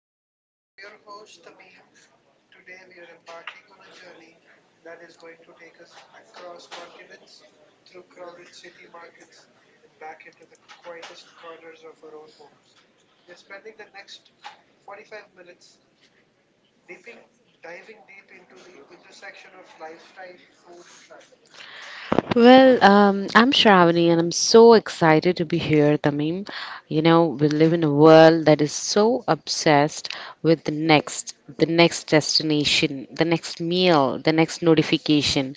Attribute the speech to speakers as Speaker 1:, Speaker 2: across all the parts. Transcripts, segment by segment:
Speaker 1: show. I'm your host, Tamim. Today, we are embarking on a journey that is going to take us across continents, through crowded city markets, and back into the quietest corners of our own homes. We're spending the next 45 minutes deeping, diving deep into the intersection of lifestyle, food, and travel.
Speaker 2: Well, I'm Shravani and I'm so excited to be here, Tamim. You know, we live in a world that is so obsessed with the next destination, the next meal, the next notification.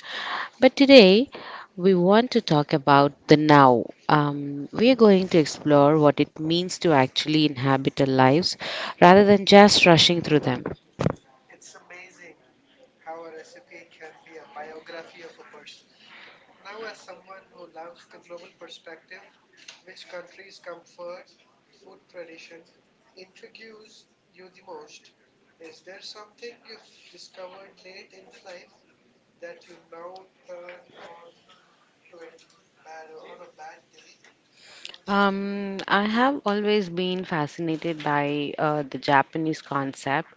Speaker 2: But today, we want to talk about the now. We are going to explore what it means to actually inhabit our lives rather than just rushing through them.
Speaker 1: It's amazing how a recipe can be a biography of a person. Now, as someone who loves the global perspective, which country's comfort, food tradition intrigues you the most? Is there something you've discovered late in the life that you now turn on to it bad on a bad day?
Speaker 2: I have always been fascinated by the Japanese concept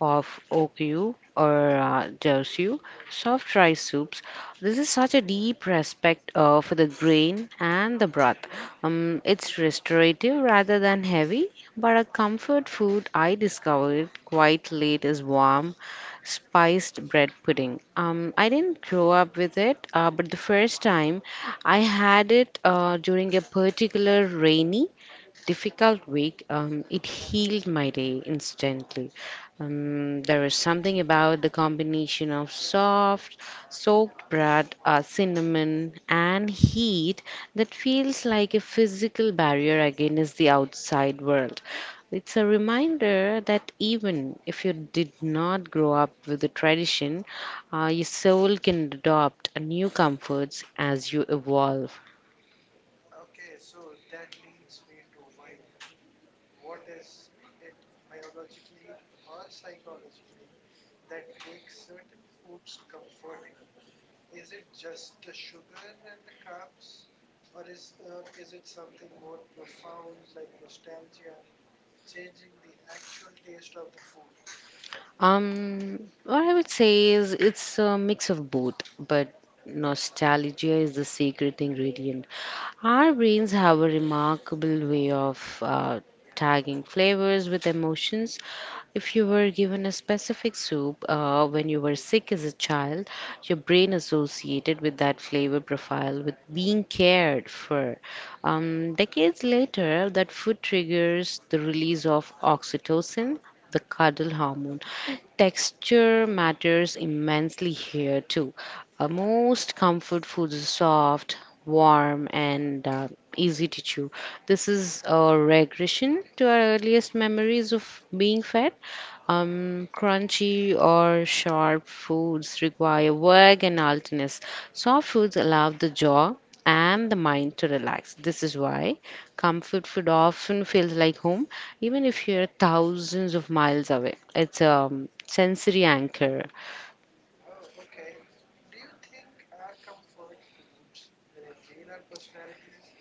Speaker 2: of Okyu or Dousyu, soft rice soups. This is such a deep respect for the grain and the broth. It's restorative rather than heavy, but a comfort food I discovered quite late is warm spiced bread pudding. I didn't grow up with it, but the first time I had it during a particular rainy difficult week, it healed my day instantly. There is something about the combination of soft, soaked bread, cinnamon, and heat that feels like a physical barrier against the outside world. It's a reminder that even if you did not grow up with the tradition, your soul can adopt new comforts as you evolve.
Speaker 1: Okay, so that leads me to why. What is it biologically or psychologically that makes certain foods comforting? Is it just the sugar and the carbs, or is it something more profound like nostalgia, changing the actual taste of the food?
Speaker 2: Um, what I would say is it's a mix of both, but nostalgia is the secret ingredient. Our brains have a remarkable way of tagging flavors with emotions. If you were given a specific soup when you were sick as a child, your brain associated with that flavor profile with being cared for. Decades later, that food triggers the release of oxytocin, the cuddle hormone. Texture matters immensely here too. Most comfort foods are soft, warm, and easy to chew. This is a regression to our earliest memories of being fed. Crunchy or sharp foods require work and alertness. Soft foods allow the jaw and the mind to relax. This is why comfort food often feels like home, even if you're thousands of miles away. It's a sensory anchor.
Speaker 1: Oh, okay. Do you think our comfort foods reveal our personalities?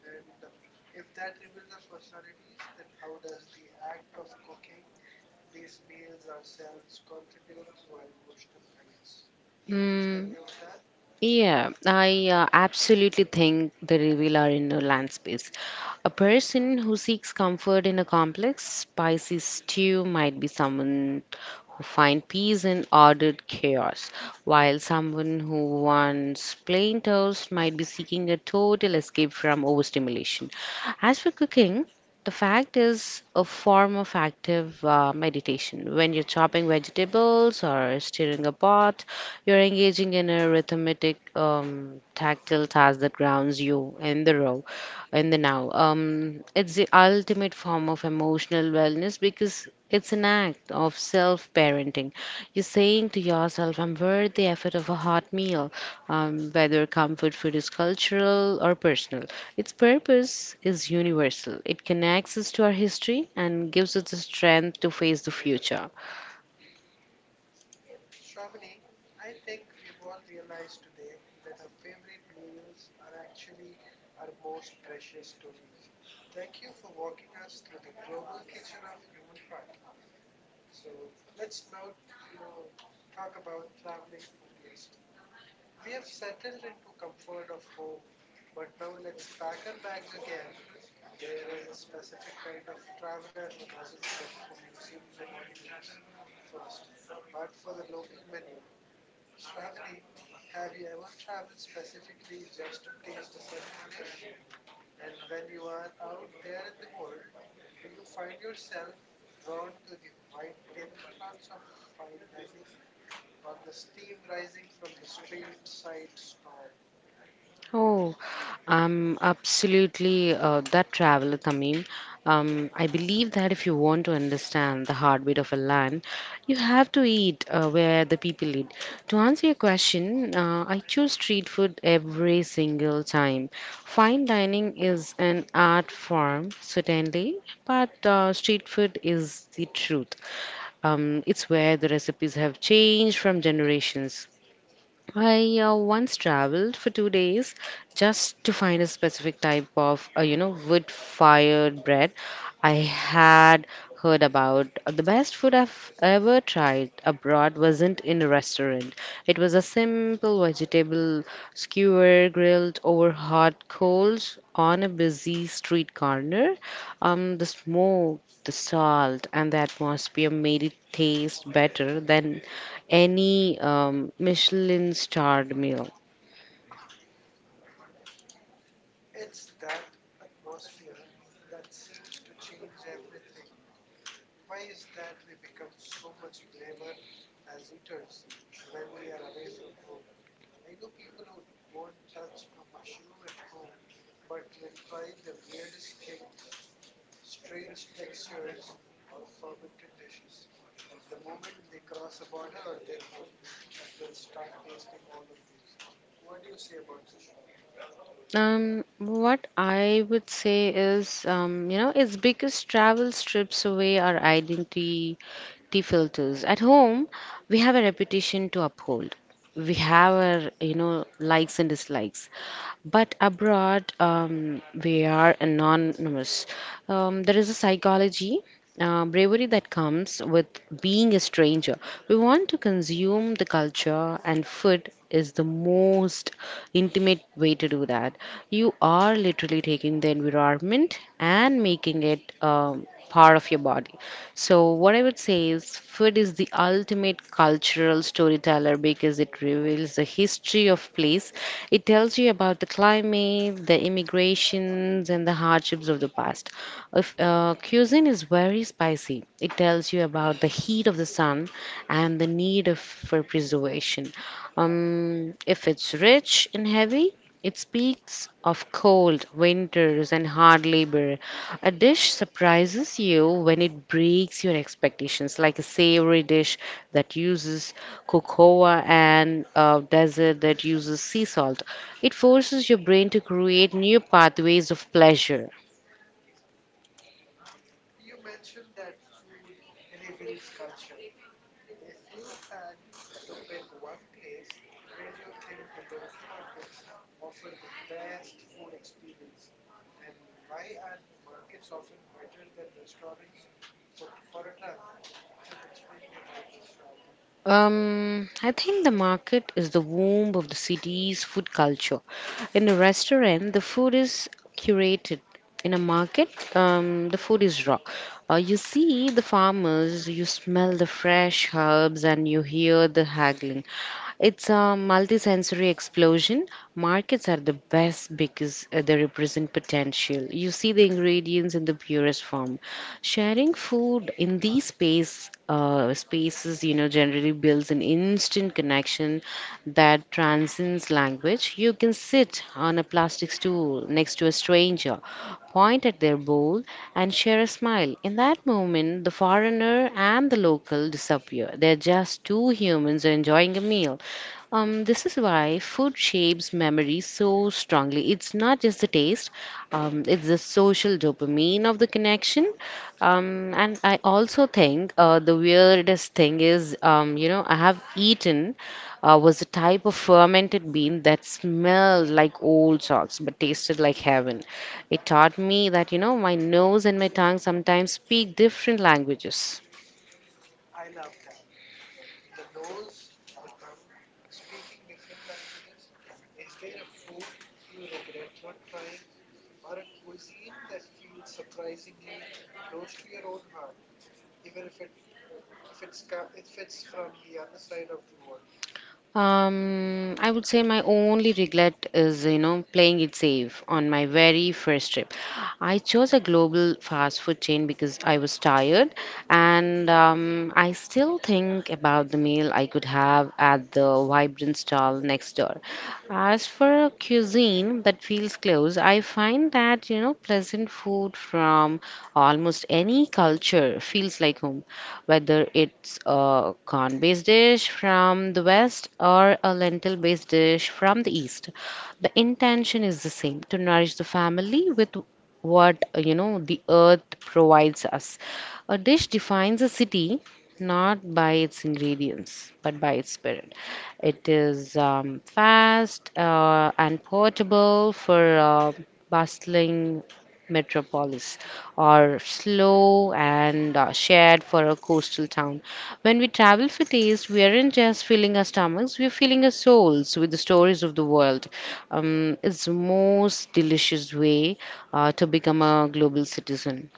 Speaker 1: And if that reveals our personalities, then how does the act of cooking these meals ourselves contribute to our emotional wellness? Can you please tell me
Speaker 2: Mm.
Speaker 1: about that?
Speaker 2: Yeah, I absolutely think the reveal are in a land space. A person who seeks comfort in a complex, spicy stew might be someone who finds peace in ordered chaos, while someone who wants plain toast might be seeking a total escape from overstimulation. As for cooking, the fact is a form of active meditation. When you're chopping vegetables or stirring a pot, you're engaging in a rhythmic, tactile task that grounds you in the row, in the now. It's the ultimate form of emotional wellness because it's an act of self parenting. You're saying to yourself, I'm worth the effort of a hot meal, whether comfort food is cultural or personal. Its purpose is universal, it connects us to our history and gives us the strength to face the future.
Speaker 1: Shravani, I think we've all realized today that our favorite meals are actually our most precious stories. Thank you for walking us through the global kitchen of human heart. So let's now, you know, talk about traveling for taste. We have settled into comfort of home, but now let's pack our bags again. There is a specific kind of traveler who doesn't look for museums or monuments first, but for the local menu. Shravani, have you ever traveled specifically just to taste a certain dish? And when you are out there in the world, do you find yourself drawn to the white tablecloths of fine dining or the steam rising from the street side stall?
Speaker 2: Oh, absolutely, that traveler, Tamim. I believe that if you want to understand the heartbeat of a land, you have to eat where the people eat. To answer your question, I choose street food every single time. Fine dining is an art form, certainly, but street food is the truth. It's where the recipes have changed from generations. I once traveled for 2 days just to find a specific type of, wood-fired bread. I had heard about the best food I've ever tried abroad wasn't in a restaurant. It was a simple vegetable skewer grilled over hot coals on a busy street corner. The smoke, the salt, and the atmosphere made it taste better than any Michelin starred meal.
Speaker 1: It's that atmosphere that seems to change everything. Why is that we become so much braver as eaters when we are away from home? I know people who won't touch a mushroom at home but will try the weirdest things, strange textures, or fermented dishes. The moment they cross a border or their home, they'll start tasting all of these. What do you say about the Shravani?
Speaker 2: What I would say is, it's because travel strips away our identity filters. At home, we have a reputation to uphold. We have our, you know, likes and dislikes. But abroad, we are anonymous. There is a psychology, bravery that comes with being a stranger. We want to consume the culture, and food is the most intimate way to do that. You are literally taking the environment and making it part of your body. So, what I would say is, food is the ultimate cultural storyteller because it reveals the history of place, it tells you about the climate, the immigrations, and the hardships of the past. If, cuisine is very spicy, it tells you about the heat of the sun and the need of, for preservation. If it's rich and heavy, it speaks of cold winters and hard labor. A dish surprises you when it breaks your expectations, like a savory dish that uses cocoa, and a dessert that uses sea salt. It forces your brain to create new pathways of pleasure.
Speaker 1: You mentioned that food reveals culture. If you had to pick one place, where do you think the local markets offer the best food experience, and why are markets often better than restaurants for a traveler? Please explain me about this, Shravani.
Speaker 2: I think the market is the womb of the city's food culture. In a restaurant, the food is curated. In a market, the food is raw. You see the farmers, you smell the fresh herbs, and you hear the haggling. It's a multisensory explosion. Markets are the best because they represent potential. You see the ingredients in the purest form. Sharing food in these space spaces, you know, generally builds an instant connection that transcends language. You can sit on a plastic stool next to a stranger, point at their bowl, and share a smile. In that moment, the foreigner and the local disappear. They're just two humans enjoying a meal. This is why food shapes memory so strongly. It's not just the taste, it's the social dopamine of the connection. And I also think the weirdest thing is, you know, I have eaten was a type of fermented bean that smelled like old socks but tasted like heaven. It taught me that, you know, my nose and my tongue sometimes speak different languages.
Speaker 1: I love that. The nose, the tongue, speaking different languages. Is there a food you regret not trying, or a cuisine that feels surprisingly close to your own heart, even if it if it's ca- if it's from the other side of the world.
Speaker 2: I would say my only regret is, you know, playing it safe on my very first trip. I chose a global fast food chain because I was tired, and I still think about the meal I could have at the vibrant stall next door. As for cuisine that feels close, I find that, you know, pleasant food from almost any culture feels like home, whether it's a corn-based dish from the west or a lentil-based dish from the east. The intention is the same, to nourish the family with what, you know, the earth provides us. A dish defines a city not by its ingredients, but by its spirit. It is fast and portable for bustling metropolis or slow and shared for a coastal town. When we travel for taste, we aren't just filling our stomachs, we're filling our souls with the stories of the world. It's the most delicious way to become a global citizen.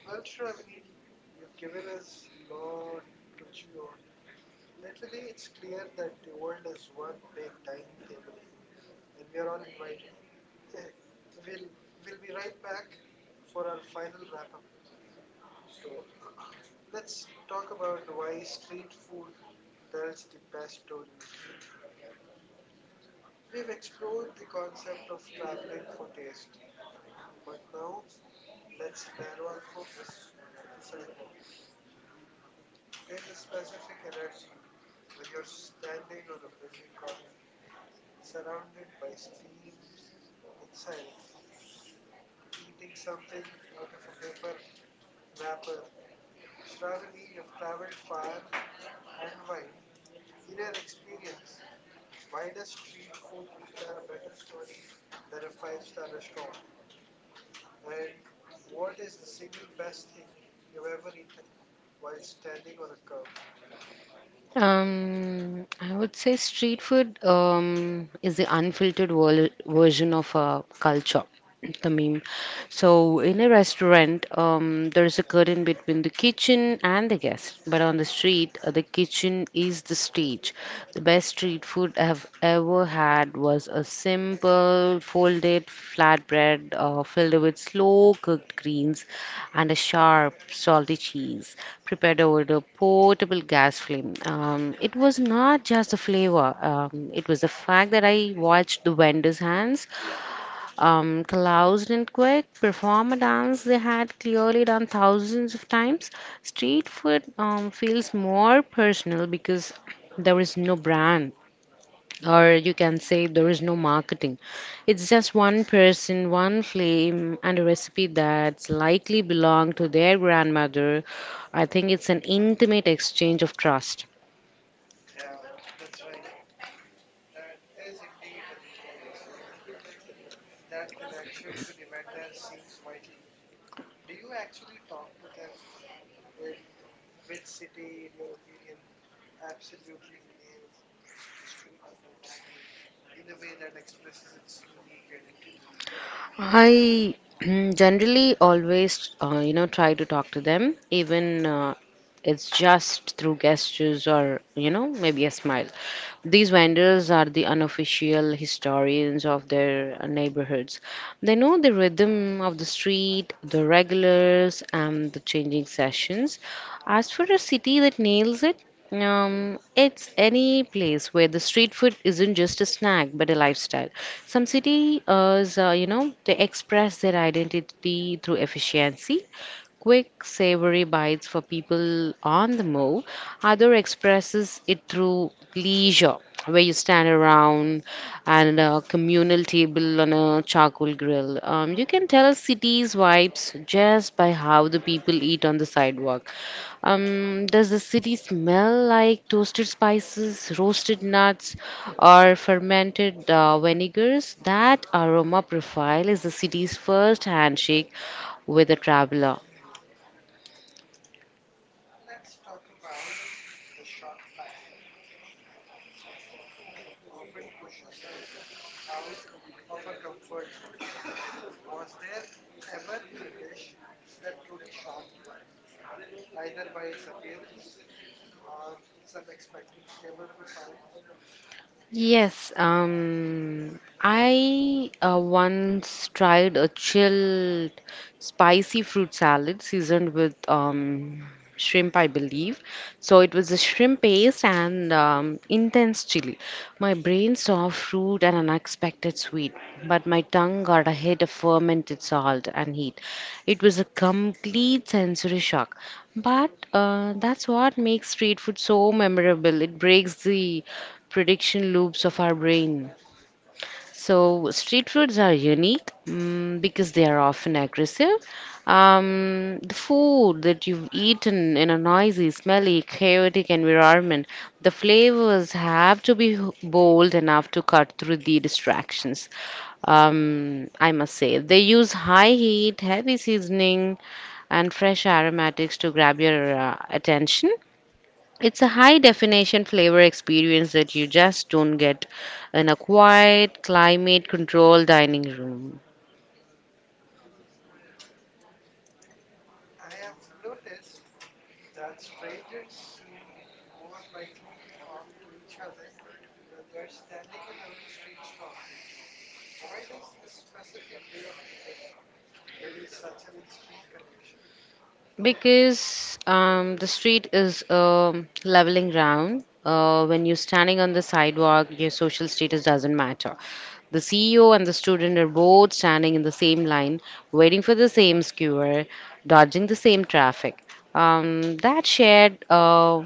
Speaker 1: Well, Shravani, you've given us lot to chew on. Literally, it's clear that the world is one big dining table, and we are all invited. We'll be right back for our final wrap up. So, let's talk about why street food tells the best stories. We've explored the concept of traveling for taste, but now let's narrow our focus to the sidewalk. There's a specific energy when you're standing on a busy corner, surrounded by steams and sirens, eating something out of a paper wrapper. Shravani, you've traveled far and wide. In your experience, why does street food tell a better story than a five-star restaurant? And what is the single best thing you've ever eaten while standing on a curb?
Speaker 2: I would say street food is the version of a culture. I mean, so in a restaurant, there is a curtain between the kitchen and the guest. But on the street, the kitchen is the stage. The best street food I have ever had was a simple folded flatbread filled with slow cooked greens and a sharp salty cheese prepared over the portable gas flame. It was not just the flavor, it was the fact that I watched the vendor's hands, closed and quick, perform a dance they had clearly done thousands of times. Street food feels more personal because there is no brand, or you can say there is no marketing. It's just one person, one flame, and a recipe that's likely belonged to their grandmother. I think it's an intimate exchange of trust.
Speaker 1: Yeah, that's right. That is indeed an intimate exchange of trust. That connection to the vendor seems vital. Do you actually talk to them? And which city, in your opinion, absolutely nails the street food scene in a way that expresses its unique identity?
Speaker 2: I generally always, you know, try to talk to them, even it's just through gestures or, you know, maybe a smile. These vendors are the unofficial historians of their neighborhoods. They know the rhythm of the street, the regulars, and the changing sessions. As for a city that nails it, it's any place where the street food isn't just a snack but a lifestyle. Some cities, you know, they express their identity through efficiency, quick, savory bites for people on the move. Other expresses it through leisure, where you stand around and a communal table on a charcoal grill. You can tell a city's vibes just by how the people eat on the sidewalk. Does the city smell like toasted spices, roasted nuts, or fermented vinegars? That aroma profile is the city's first handshake with a traveler.
Speaker 1: Let's talk about the shock factor. Street food often pushes us out of our comfort zones. Was there ever a dish that truly shocked you, either by its appearance or its unexpected flavor profile?
Speaker 2: Yes, I once tried a chilled spicy fruit salad seasoned with shrimp, I believe. So it was a shrimp paste and intense chili. My brain saw fruit and unexpected sweet, but my tongue got a hit of fermented salt and heat. It was a complete sensory shock. But that's what makes street food so memorable. It breaks the prediction loops of our brain. So, street foods are unique because they are often aggressive. The food that you've eaten in a noisy, smelly, chaotic environment, the flavors have to be bold enough to cut through the distractions. I must say, they use high heat, heavy seasoning, and fresh aromatics to grab your attention. It's a high definition flavor experience that you just don't get in a quiet, climate controlled dining room.
Speaker 1: I have noticed that strangers seem more likely to talk to each other when they are standing around a street stall. Why does this specific way of eating build such an instant connection?
Speaker 2: Because the street is a leveling ground. When you're standing on the sidewalk, your social status doesn't matter. The CEO and the student are both standing in the same line, waiting for the same skewer, dodging the same traffic. That shared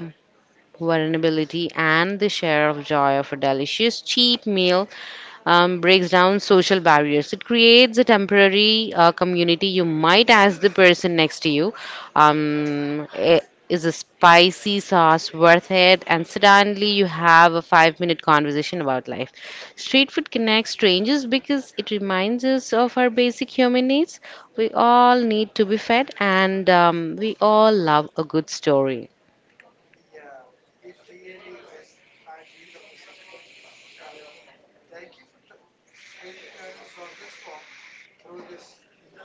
Speaker 2: vulnerability and the share of joy of a delicious cheap meal breaks down social barriers. It creates a temporary community. You might ask the person next to you, "Eh, is a spicy sauce worth it?" And suddenly you have a 5 minute conversation about life. Street food connects strangers because it reminds us of our basic human needs. We all need to be fed, and we all love a good story.
Speaker 1: Yeah, it really is the heartbeat of a city. Shravani, thank you for taking us on this walk through this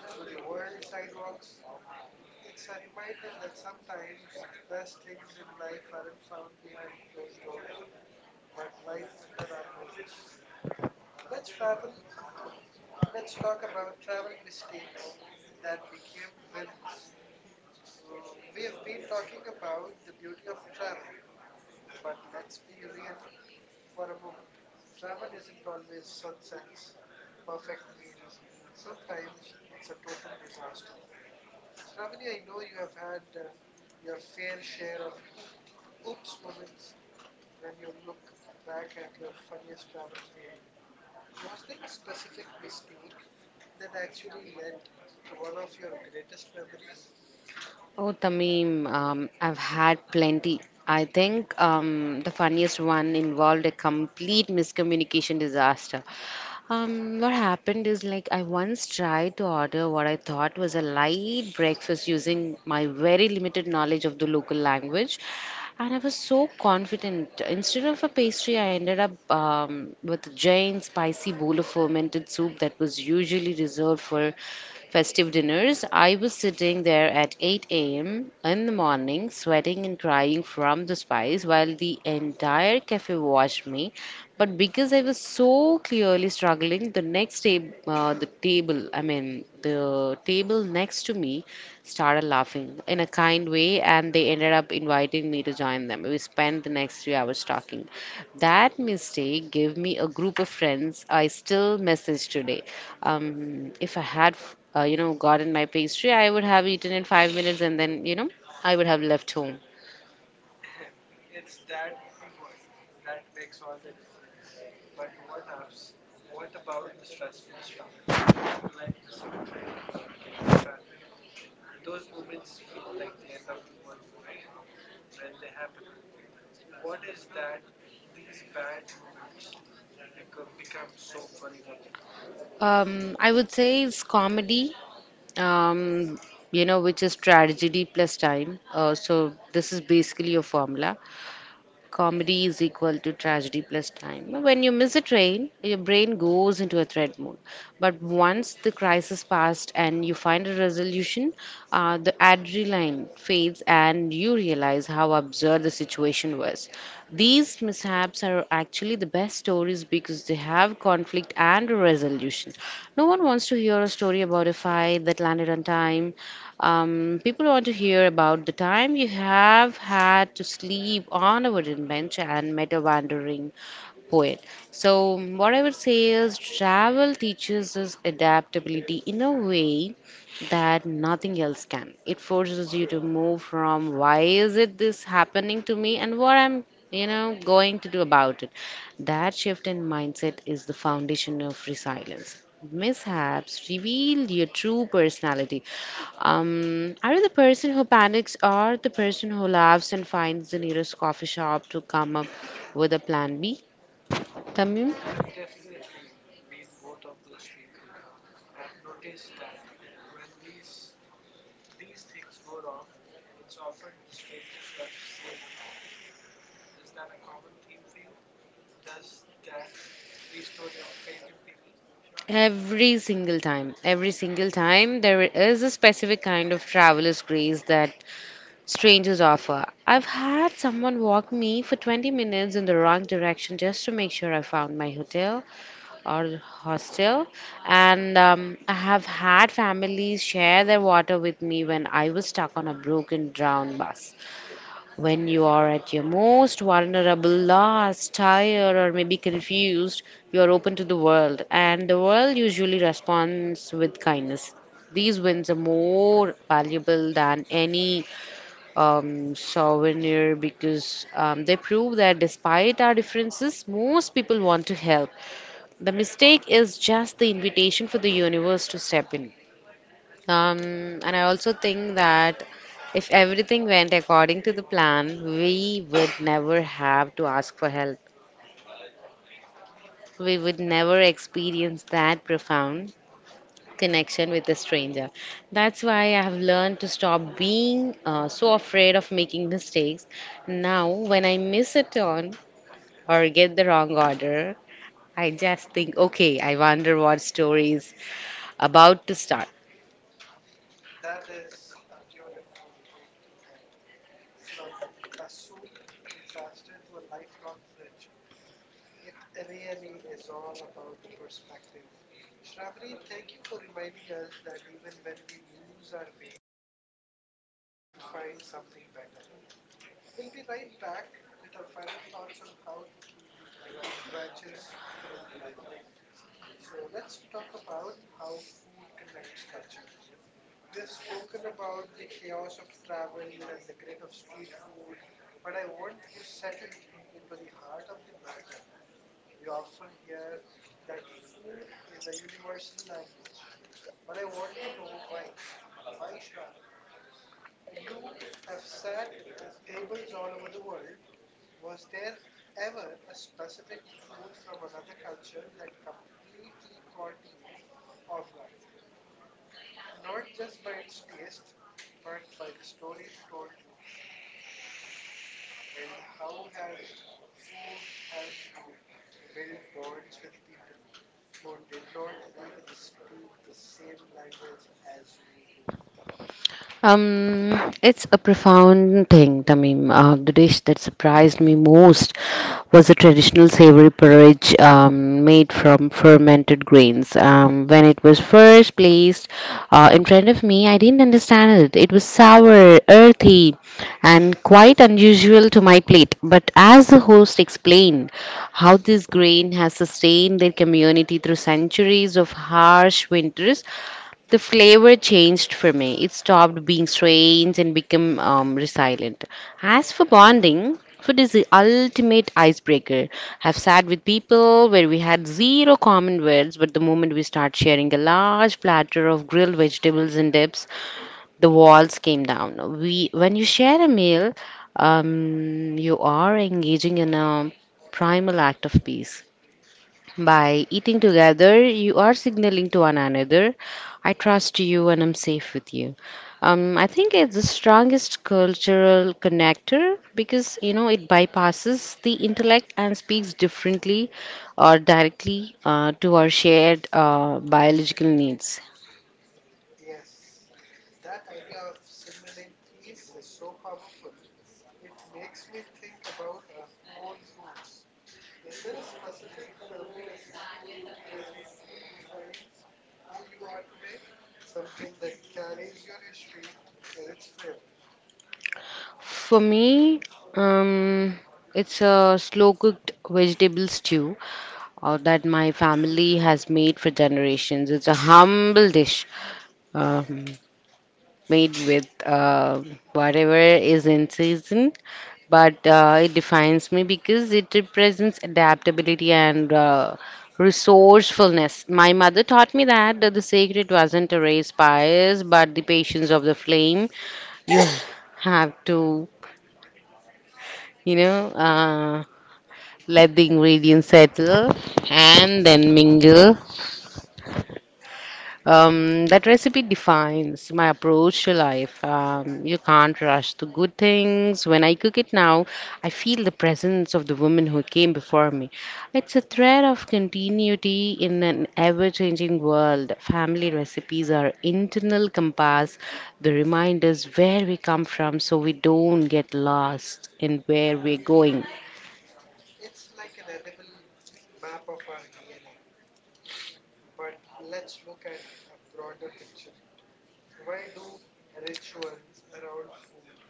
Speaker 1: through the world sidewalks. It's a reminder that sometimes the best things in life aren't found behind closed doors, but right under our noses. Let's travel. Let's talk about travel mistakes that became wins. We have been talking about the beauty of travel but let's be real for a moment. Travel isn't always sunsets, perfect meals. Sometimes it's a total disaster. Shravani, I know you have had your fair share of oops moments when you look back at your funniest travel fail. Was there a specific mistake that actually led to one of your greatest memories?
Speaker 2: Oh, Tamim, I've had plenty. I think the funniest one involved a complete miscommunication disaster. What happened is like I once tried to order what I thought was a light breakfast using my very limited knowledge of the local language, and I was so confident. Instead of a pastry, I ended up with a giant spicy bowl of fermented soup that was usually reserved for festive dinners. I was sitting there at 8 a.m. in the morning, sweating and crying from the spice, while the entire cafe watched me. But because I was so clearly struggling, the table, I mean, the table next to me started laughing in a kind way, and they ended up inviting me to join them. We spent the next 3 hours talking. That mistake gave me a group of friends I still message today. If I had, you know, gotten my pastry, I would have eaten in 5 minutes, and then, you know, I would have left home.
Speaker 1: It's that pivot that makes all the difference. But what about the stressful stuff, like missing a train or getting stranded? Those moments feel like the end of the world, right? When they happen. What is that these bad moments become so funny later?
Speaker 2: I would say it's comedy um, you know, which is tragedy plus time. So this is basically a formula. Comedy is equal to tragedy plus time. When you miss a train, your brain goes into a threat mode. But once the crisis passed and you find a resolution, the adrenaline fades and you realize how absurd the situation was. These mishaps are actually the best stories because they have conflict and a resolution. No one wants to hear a story about a fight that landed on time. Um, people want to hear about the time you have had to sleep on a wooden bench and metal wandering poet. So, what I would say is travel teaches us adaptability in a way that nothing else can. It forces you to move from why is it this happening to me and what I'm, you know, going to do about it. That shift in mindset is the foundation of resilience. Mishaps reveal your true personality. Are you the person who panics or the person who laughs and finds the nearest coffee shop to come up with a plan B? Tamim,
Speaker 1: I have definitely been both of those people. I've noticed that when these things go wrong, it's often the strangers who have saved the trip. Is that a common theme for you? Does that restore your faith in people, Shravani?
Speaker 2: every single time, there is a specific kind of traveler's grace that strangers offer. I've had someone walk me for 20 minutes in the wrong direction just to make sure I found my hotel. Or hostel. And I have had families share their water with me when I was stuck on a broken down bus. When you are at your most vulnerable, lost, tired, or maybe confused, you are open to the world, and the world usually responds with kindness. These wins are more valuable than any souvenir because they prove that despite our differences, most people want to help. The mistake is just the invitation for the universe to step in. And I also think that if everything went according to the plan, we would never have to ask for help. We would never experience that profound connection with a stranger. That's why I have learned to stop being so afraid of making mistakes. Now, when I miss a turn or get the wrong order, I just think, okay, I wonder what story is about to start.
Speaker 1: That is a beautiful way to look at it. From a soup disaster to a lifelong friendship. It really is all about the perspective. Shravani, thank you for reminding us that even when we lose our way, we might just find something better. We'll be right back with our final thoughts on how to keep the adventurous spirit alive. So, let's talk about how food connects cultures. We have spoken about the chaos of travel and the grit of street food, but I want to settle into the heart of the matter. We often hear that food is a universal language, but I want to know why. Why, Shravani? You have sat at tables all over the world. Was there ever a specific food from another culture that completely caught you off guard? Not just by its taste, but by the story it told you. And how has food helped you build bonds with people who did not even speak the same language as you do?
Speaker 2: It's a profound thing, Tamim. The dish that surprised me most was a traditional savory porridge made from fermented grains. When it was first placed in front of me, I didn't understand it. It was sour, earthy, and quite unusual to my plate. But as the host explained how this grain has sustained their community through centuries of harsh winters, the flavor changed for me. It stopped being strange and became resilient. As for bonding, food is the ultimate icebreaker. I've sat with people where we had zero common words, but the moment we start sharing a large platter of grilled vegetables and dips, the walls came down. We, when you share a meal, you are engaging in a primal act of peace. By eating together, you are signaling to one another, I trust you and I'm safe with you. I think it's the strongest cultural connector because, you know, it bypasses the intellect and speaks differently or directly to our shared biological needs.
Speaker 1: Yes, that idea of signaling peace is so powerful. It makes me think about our own roots. Is there a specific family recipe that you feel defines who you are today? Something that carries your history in its flavors?
Speaker 2: For me, um, it's a slow cooked vegetable stew that my family has made for generations. It's a humble dish. Um, made with whatever is in season, but it defines me because it represents adaptability and resourcefulness. My mother taught me that the sacred wasn't erased by us, but the patience of the flame. You have to, you know, let the ingredients settle and then mingle. That recipe defines my approach to life. You can't rush the good things. When I cook it now, I feel the presence of the woman who came before me. It's a thread of continuity in an ever changing world. Family recipes are internal compass, the reminders where we come from so we don't get lost in where we're going.
Speaker 1: It's like an edible map of our DNA. But let's look at a broader picture. Why do rituals around food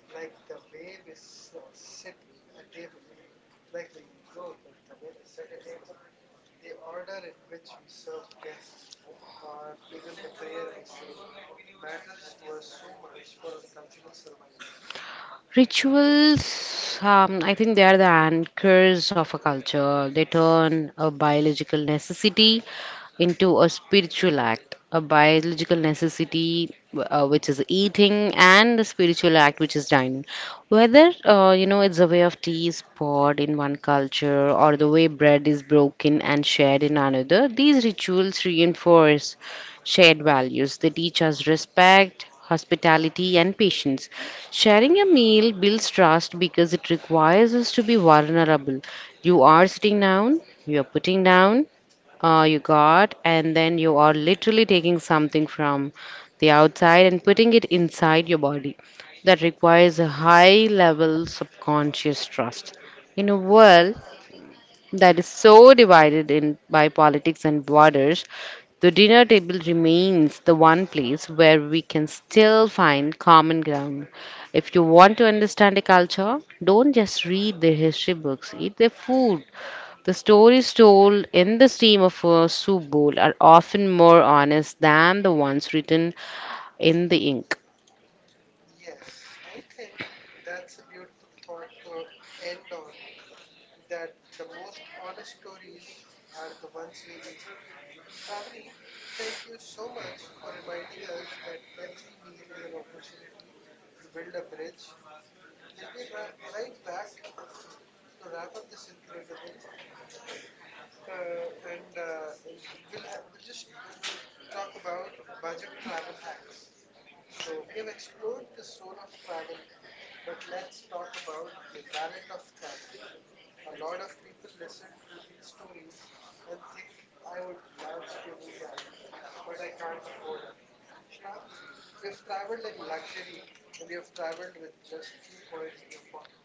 Speaker 1: like the way we sit at table, like we you know the way we set a table, the order in which we serve guests, or even the prayer we say, matters to us so much for our cultural survival.
Speaker 2: Rituals, I think they are the anchors of a culture. They turn a biological necessity into a spiritual act. A biological necessity, which is eating, and a spiritual act, which is dining. Whether you know it's the way of tea is poured in one culture or the way bread is broken and shared in another, these rituals reinforce shared values. They teach us respect, hospitality, and patience. Sharing a meal builds trust because it requires us to be vulnerable. You are sitting down, you are putting down your guard, and then you are literally taking something from the outside and putting it inside your body. That requires a high level subconscious trust. In a world that is so divided in by politics and borders, the dinner table remains the one place where we can still find common ground. If you want to understand a culture, don't just read their history books, eat their food. The stories told in the steam of a soup bowl are often more honest than the ones written in the ink.
Speaker 1: Yes, I think that's a beautiful thought to end on that the most honest stories are the ones we eat. Shravani, thank you so much for reminding us that every meal is an opportunity to build a bridge. We'll be right back to wrap up this incredible the and in, we'll ha- we'll just talk about budget travel hacks. So we have explored the soul of travel, but let's talk about the wallet of travel. A lot of people listen to these stories and think I would love to do that but I can't afford it. Shravani, you have traveled in luxury and you have traveled with just few coins in your pocket.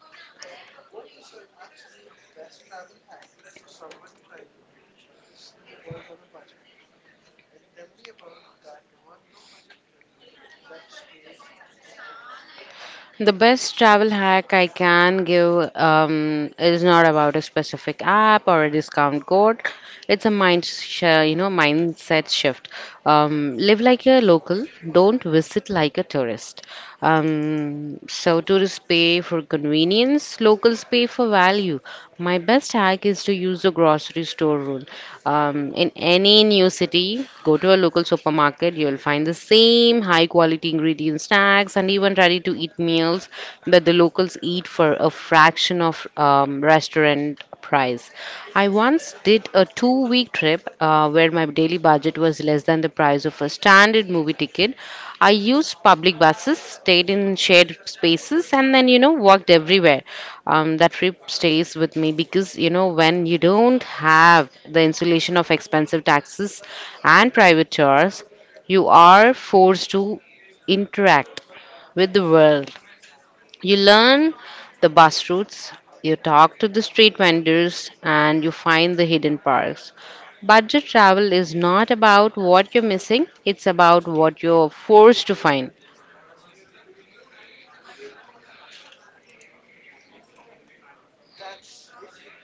Speaker 1: What is your absolute best travel hack for someone trying to see the world on a budget? And tell me about that one low budget trip that stays with you.
Speaker 2: The best travel hack I can give is not about a specific app or a discount code. It's a you know, mindset shift. Live like a local. Don't visit like a tourist. So tourists pay for convenience. Locals pay for value. My best hack is to use the grocery store rule. In any new city, go to a local supermarket, you'll find the same high quality ingredient snacks and even ready to eat meals that the locals eat for a fraction of restaurant price. I once did a 2 week trip where my daily budget was less than the price of a standard movie ticket. I used public buses, stayed in shared spaces, and then, you know, walked everywhere. That trip stays with me because, you know, when you don't have the insulation of expensive taxis and private tours, you are forced to interact with the world. You learn the bus routes, you talk to the street vendors, and you find the hidden parks. Budget travel is not about what you're missing, it's about what you're forced to find.
Speaker 1: That's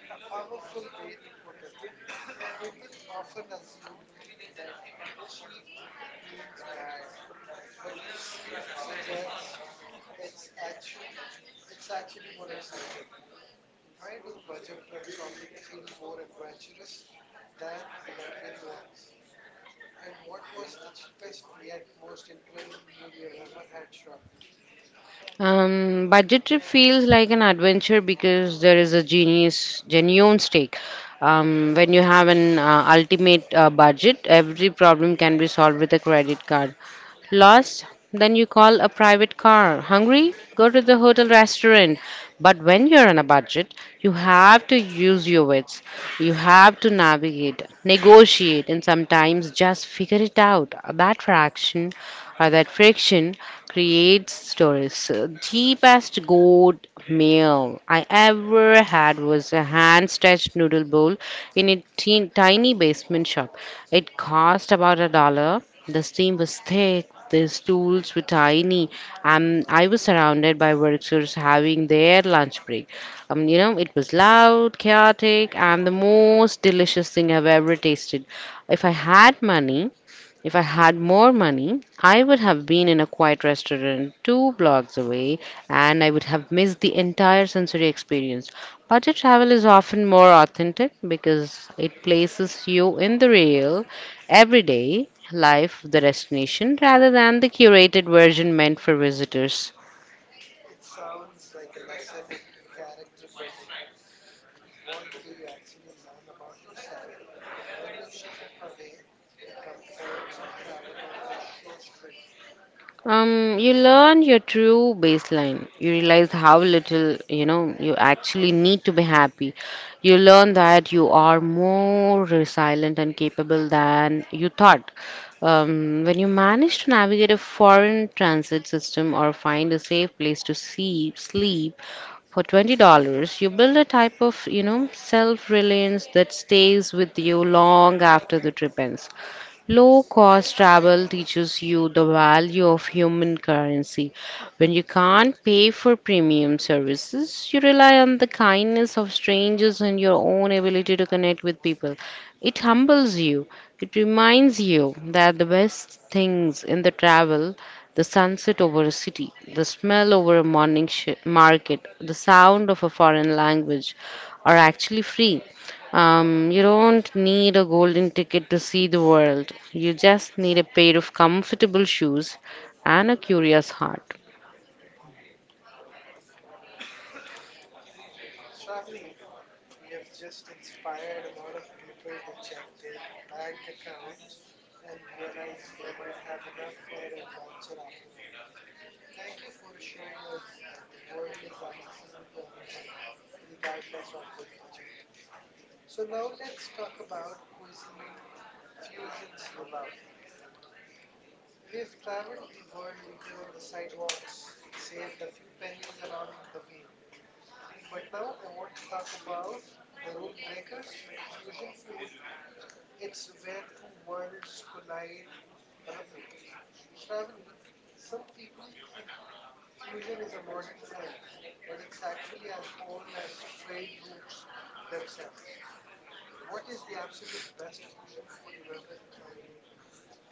Speaker 1: a powerful way to put it. People often assume that cheap means bad, but you seem to suggest it's actual it's actually more exciting. Why do budget trips often feel more adventurous than the luxury ones? And what was the cheapest yet most incredible meal you have ever had, Shravani?
Speaker 2: Budget trip feels like an adventure because there is a genuine stake. When you have an ultimate budget, every problem can be solved with a credit card. Lost? Then you call a private car. Hungry? Go to the hotel restaurant. But when you're on a budget, you have to use your wits. You have to navigate, negotiate, and sometimes just figure it out. That fraction or that friction creates stories. So, the best good meal I ever had was a hand-stretched noodle bowl in a tiny basement shop. It cost about a dollar. The steam was thick. The stools were tiny, and I was surrounded by workers having their lunch break. It was loud, chaotic, and the most delicious thing I've ever tasted. If I had money, if I had more money, I would have been in a quiet restaurant two blocks away, and I would have missed the entire sensory experience. Budget travel is often more authentic because it places you in the real, everyday life of the destination rather than the curated version meant for visitors.
Speaker 1: It sounds like a lesson in character building. What do you actually learn about yourself when you strip away the comforts and travel on a shoestring?
Speaker 2: You learn your true baseline. You realize how little, you know, you actually need to be happy. You learn that you are more resilient and capable than you thought. When you manage to navigate a foreign transit system or find a safe place to sleep, for $20, you build a type of, you know, self-reliance that stays with you long after the trip ends. Low-cost travel teaches you the value of human currency. When you can't pay for premium services, you rely on the kindness of strangers and your own ability to connect with people. It humbles you. It reminds you that the best things in the travel, the sunset over a city, the smell over a morning shi market, the sound of a foreign language, are actually free. You don't need a golden ticket to see the world. You just need a pair of comfortable shoes and a curious heart.
Speaker 1: Shravani, you've just inspired a lot of people to check their bank accounts and realize they might have enough for an adventure after all. Thank you for showing us that the world is accessible to everyone, regardless of their budget. So, now let's talk about cuisine fusions we love. We've traveled the world, eaten on the sidewalks, and saved a few pennies along the way. But now I want to talk about the rule breakers, fusion food, it's where two worlds collide on a plate. Shravani, some people think fusion is a modern trend, but it's actually as old as trade routes themselves. What is the absolute best fusion food you've ever tried?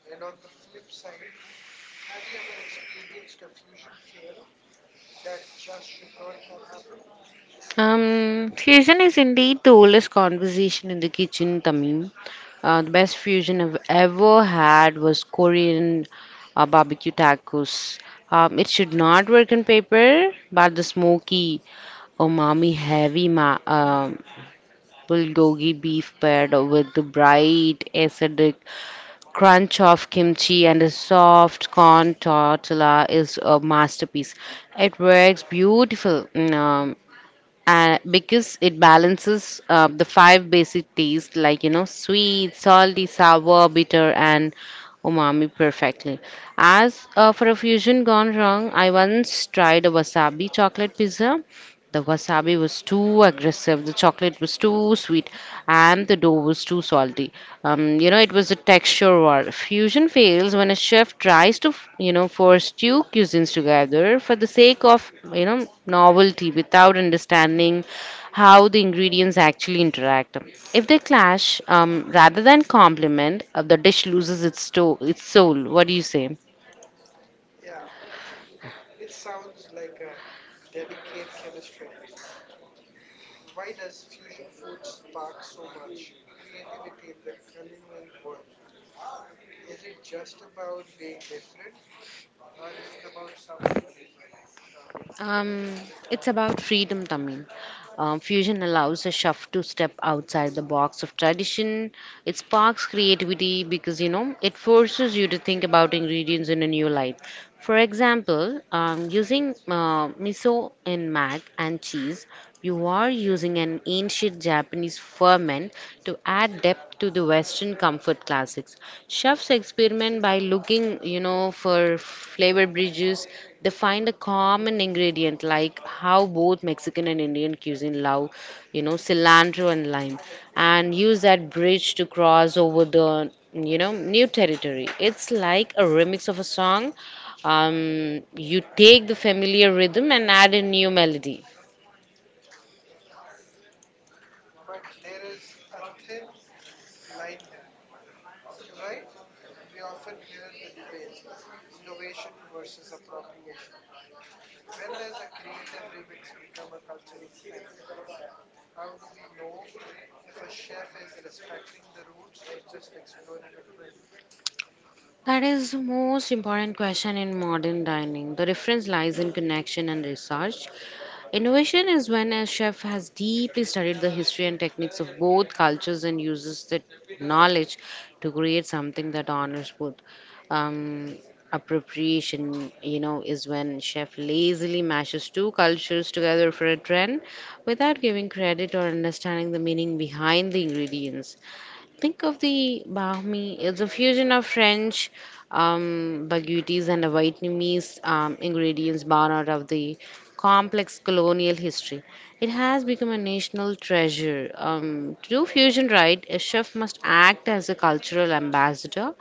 Speaker 1: And on the flip side, have you ever experienced a fusion fail that just should not have happened?
Speaker 2: Fusion is indeed the oldest conversation in the kitchen, Tamim. The best fusion I've ever had was Korean barbecue tacos. It should not work on paper, but the smoky, umami heavy bulgogi beef paired with the bright, acidic crunch of kimchi and a soft corn tortilla is a masterpiece. It works beautiful. Um, because it balances the five basic tastes, like, you know, sweet, salty, sour, bitter, and umami perfectly. As for a fusion gone wrong, I once tried a wasabi chocolate pizza. The wasabi was too aggressive, the chocolate was too sweet, and the dough was too salty. You know, it was a texture war. Fusion fails when a chef tries to you know, force two cuisines together for the sake of, you know, novelty without understanding how the ingredients actually interact. If they clash rather than complement, the dish loses its soul. What do you say?
Speaker 1: Yeah, it sounds like a delicate chemistry. Why does fusion food spark so much creativity in the culinary world? Is it just about being different or is it about something deeper, Shravani?
Speaker 2: Um, it's about freedom, Tamim. Fusion allows a chef to step outside the box of tradition. It sparks creativity because, you know, it forces you to think about ingredients in a new light. For example, using miso in mac and cheese, you are using an ancient Japanese ferment to add depth to the Western comfort classics. Chefs experiment by looking, you know, for flavor bridges. They find a common ingredient, like how both Mexican and Indian cuisine love, you know, cilantro and lime, and use that bridge to cross over the, you know, new territory. It's like a remix of a song. You take the familiar rhythm and add a new melody.
Speaker 1: But there is a thin line here, right? We often hear the debate innovation versus appropriation. When does a creative remix become a cultural theft? How do we know if a chef is respecting the roots or just exploring a trend?
Speaker 2: That is the most important question in modern dining. The difference lies in connection and research. Innovation is when a chef has deeply studied the history and techniques of both cultures and uses that knowledge to create something that honors both. Um, appropriation, you know, is when chef lazily mashes two cultures together for a trend without giving credit or understanding the meaning behind the ingredients. Think of the Bahmi. It's a fusion of French baguettes and a Vietnamese ingredients born out of the complex colonial history. It has become a national treasure. To do fusion right, a chef must act as a cultural ambassador.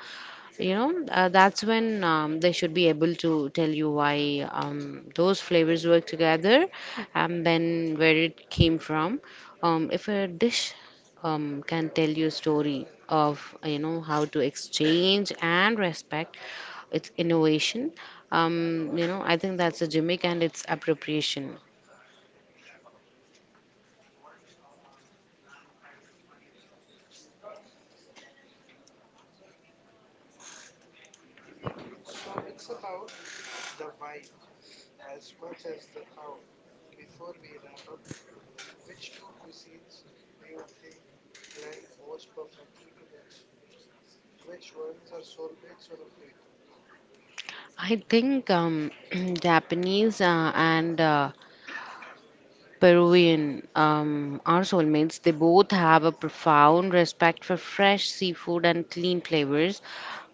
Speaker 2: You know, that's when they should be able to tell you why those flavors work together and then where it came from. If a dish can tell you a story of, you know, how to exchange and respect its innovation, you know, I think that's a gimmick and it's appropriation.
Speaker 1: So it's about the why as much as the how. Before we wrap up, which two cuisines do you think blend most perfectly together? Which ones are soulmates on a plate?
Speaker 2: I think Japanese and Peruvian our soulmates. They both have a profound respect for fresh seafood and clean flavors,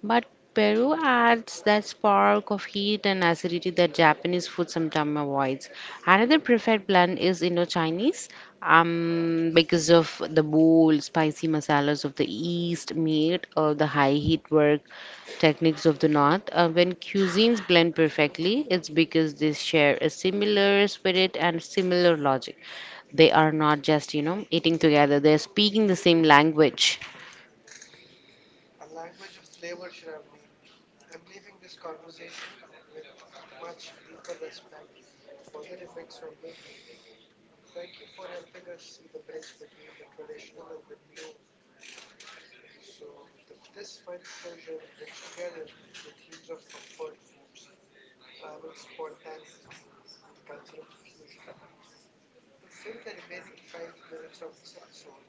Speaker 2: but Peru adds that spark of heat and acidity that Japanese food sometimes avoids. Another preferred blend is Indo-Chinese, because of the bold, spicy masalas of the East, made of the high heat work techniques of the North. When cuisines blend perfectly, it's because they share a similar spirit and similar logic. They are not just, you know, eating together, they're speaking the same language.
Speaker 1: A language of flavor, Shravani. I'm leaving this conversation with a much deeper respect for the remix on my plate. Thank you for helping us see the bridge between the traditional and the new. This final closure brings together the themes of comfort foods, travel spontaneity, and cultural fusion. To fill the remaining 5 minutes of this episode,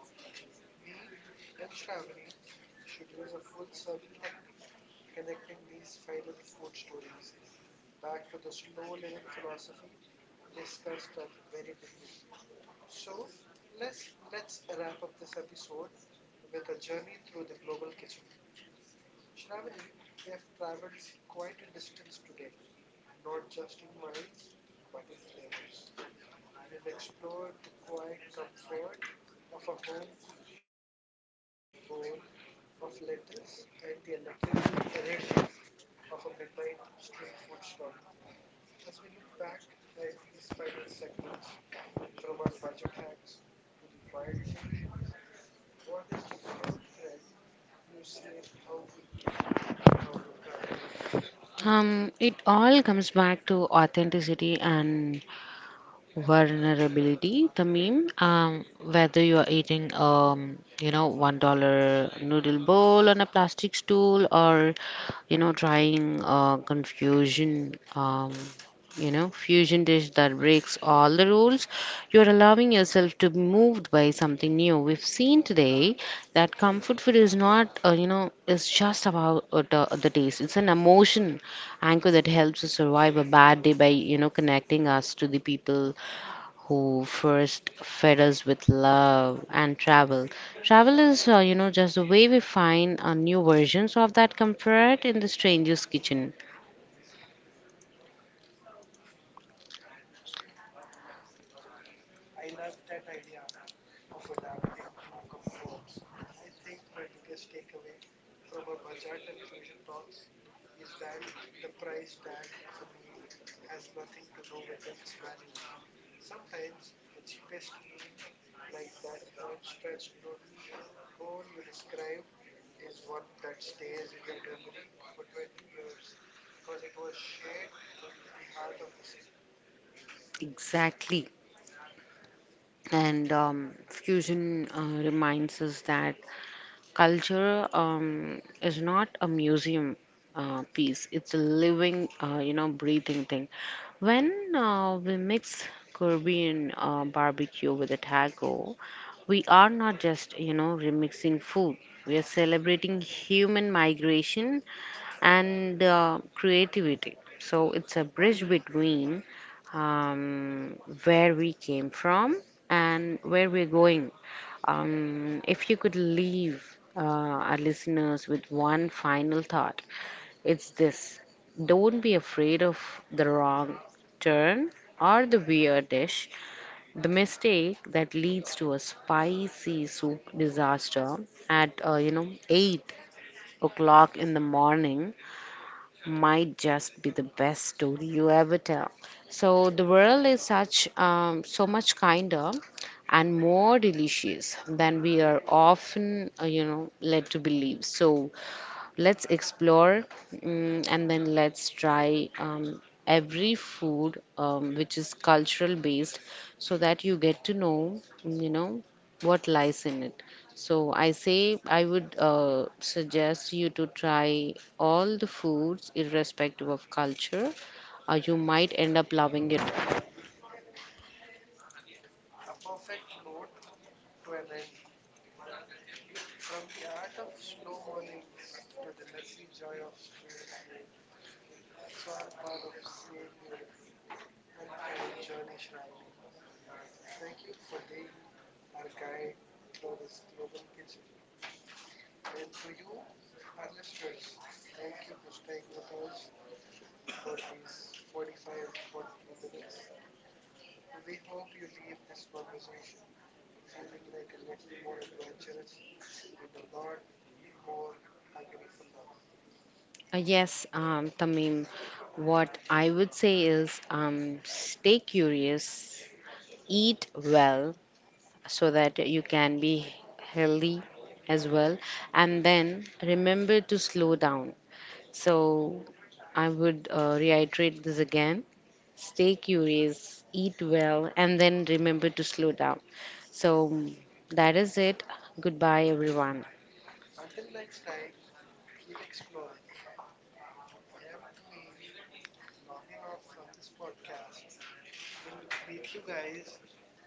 Speaker 1: me and Shravani should use a full circle technique, connecting these final food stories back to the slow living philosophy discussed at the very beginning. So, let's wrap up this episode with a journey through the global kitchen. Shravani, we have traveled quite a distance today, not just in miles, but in flavors. We've explored the quiet comfort of a home cooked bowl of lentils and the electrical energy of a midnight street food stall. As we look back at these final segments, from our budget hacks to the wild fusions, what is the common thread you see in how we eat and how we travel?
Speaker 2: It all comes back to authenticity and vulnerability, the meme. Um, whether you are eating, you know, $1 noodle bowl on a plastic stool, or, you know, trying fusion dish that breaks all the rules, you are allowing yourself to be moved by something new. We've seen today that comfort food is not, you know, is just about the taste. It's an emotion anchor that helps us survive a bad day by, you know, connecting us to the people who first fed us with love and travel. Travel is, you know, just the way we find new versions of that comfort in the stranger's kitchen.
Speaker 1: I love that idea of adapting new comforts. I think my biggest takeaway from our budget and fusion talks is that the price tag of a meal has nothing to do with its value. Sometimes the cheapest meal, like that hand stretched noodle bowl you described, is one that stays in your memory for 20 years because it was shared with the heart of the city.
Speaker 2: Exactly. And fusion reminds us that culture is not a museum piece. It's a living, you know, breathing thing. When we mix caribbean barbecue with a taco, we are not just, you know, remixing food, we are celebrating human migration and creativity. So it's a bridge between um, where we came from and where we're going. If you could leave our listeners with one final thought, it's this: don't be afraid of the wrong turn or the weird dish. The mistake that leads to a spicy soup disaster at you know, 8 o'clock in the morning might just be the best story you ever tell. So the world is such so much kinder and more delicious than we are often, you know, led to believe. So let's explore, and then let's try every food which is cultural based, so that you get to know, you know, what lies in it. So I say I would suggest you to try all the foods irrespective of culture. You might end up loving it.
Speaker 1: A perfect note to an end. From the art of slow mornings to the messy joy of street food, it's all part of same beautiful, unplanned journey, Shravani. Thank you for being our guide through this global kitchen. And to you, our listeners, thank you for staying with us for these 45 43 minutes. We hope you leave this conversation feeling like a little more adventurous and a lot more hungry for life.
Speaker 2: Yes, Tamim, what I would say is, stay curious, eat well, so that you can be healthy as well. And then remember to slow down. So I would reiterate this again: stay curious, eat well, and then remember to slow down. So that is it. Goodbye, everyone.
Speaker 1: Until next time, keep exploring. I am Tamim, logging off from this podcast. We'll meet you guys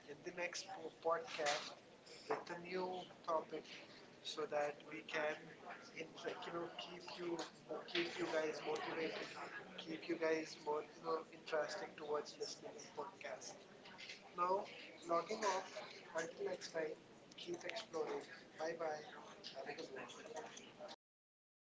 Speaker 1: in the next podcast with a new topic so that we can keep you keep you guys motivated, keep you guys more interesting towards listening our podcast. Now, logging off. Until next time, keep exploring. Bye bye. Have a good one.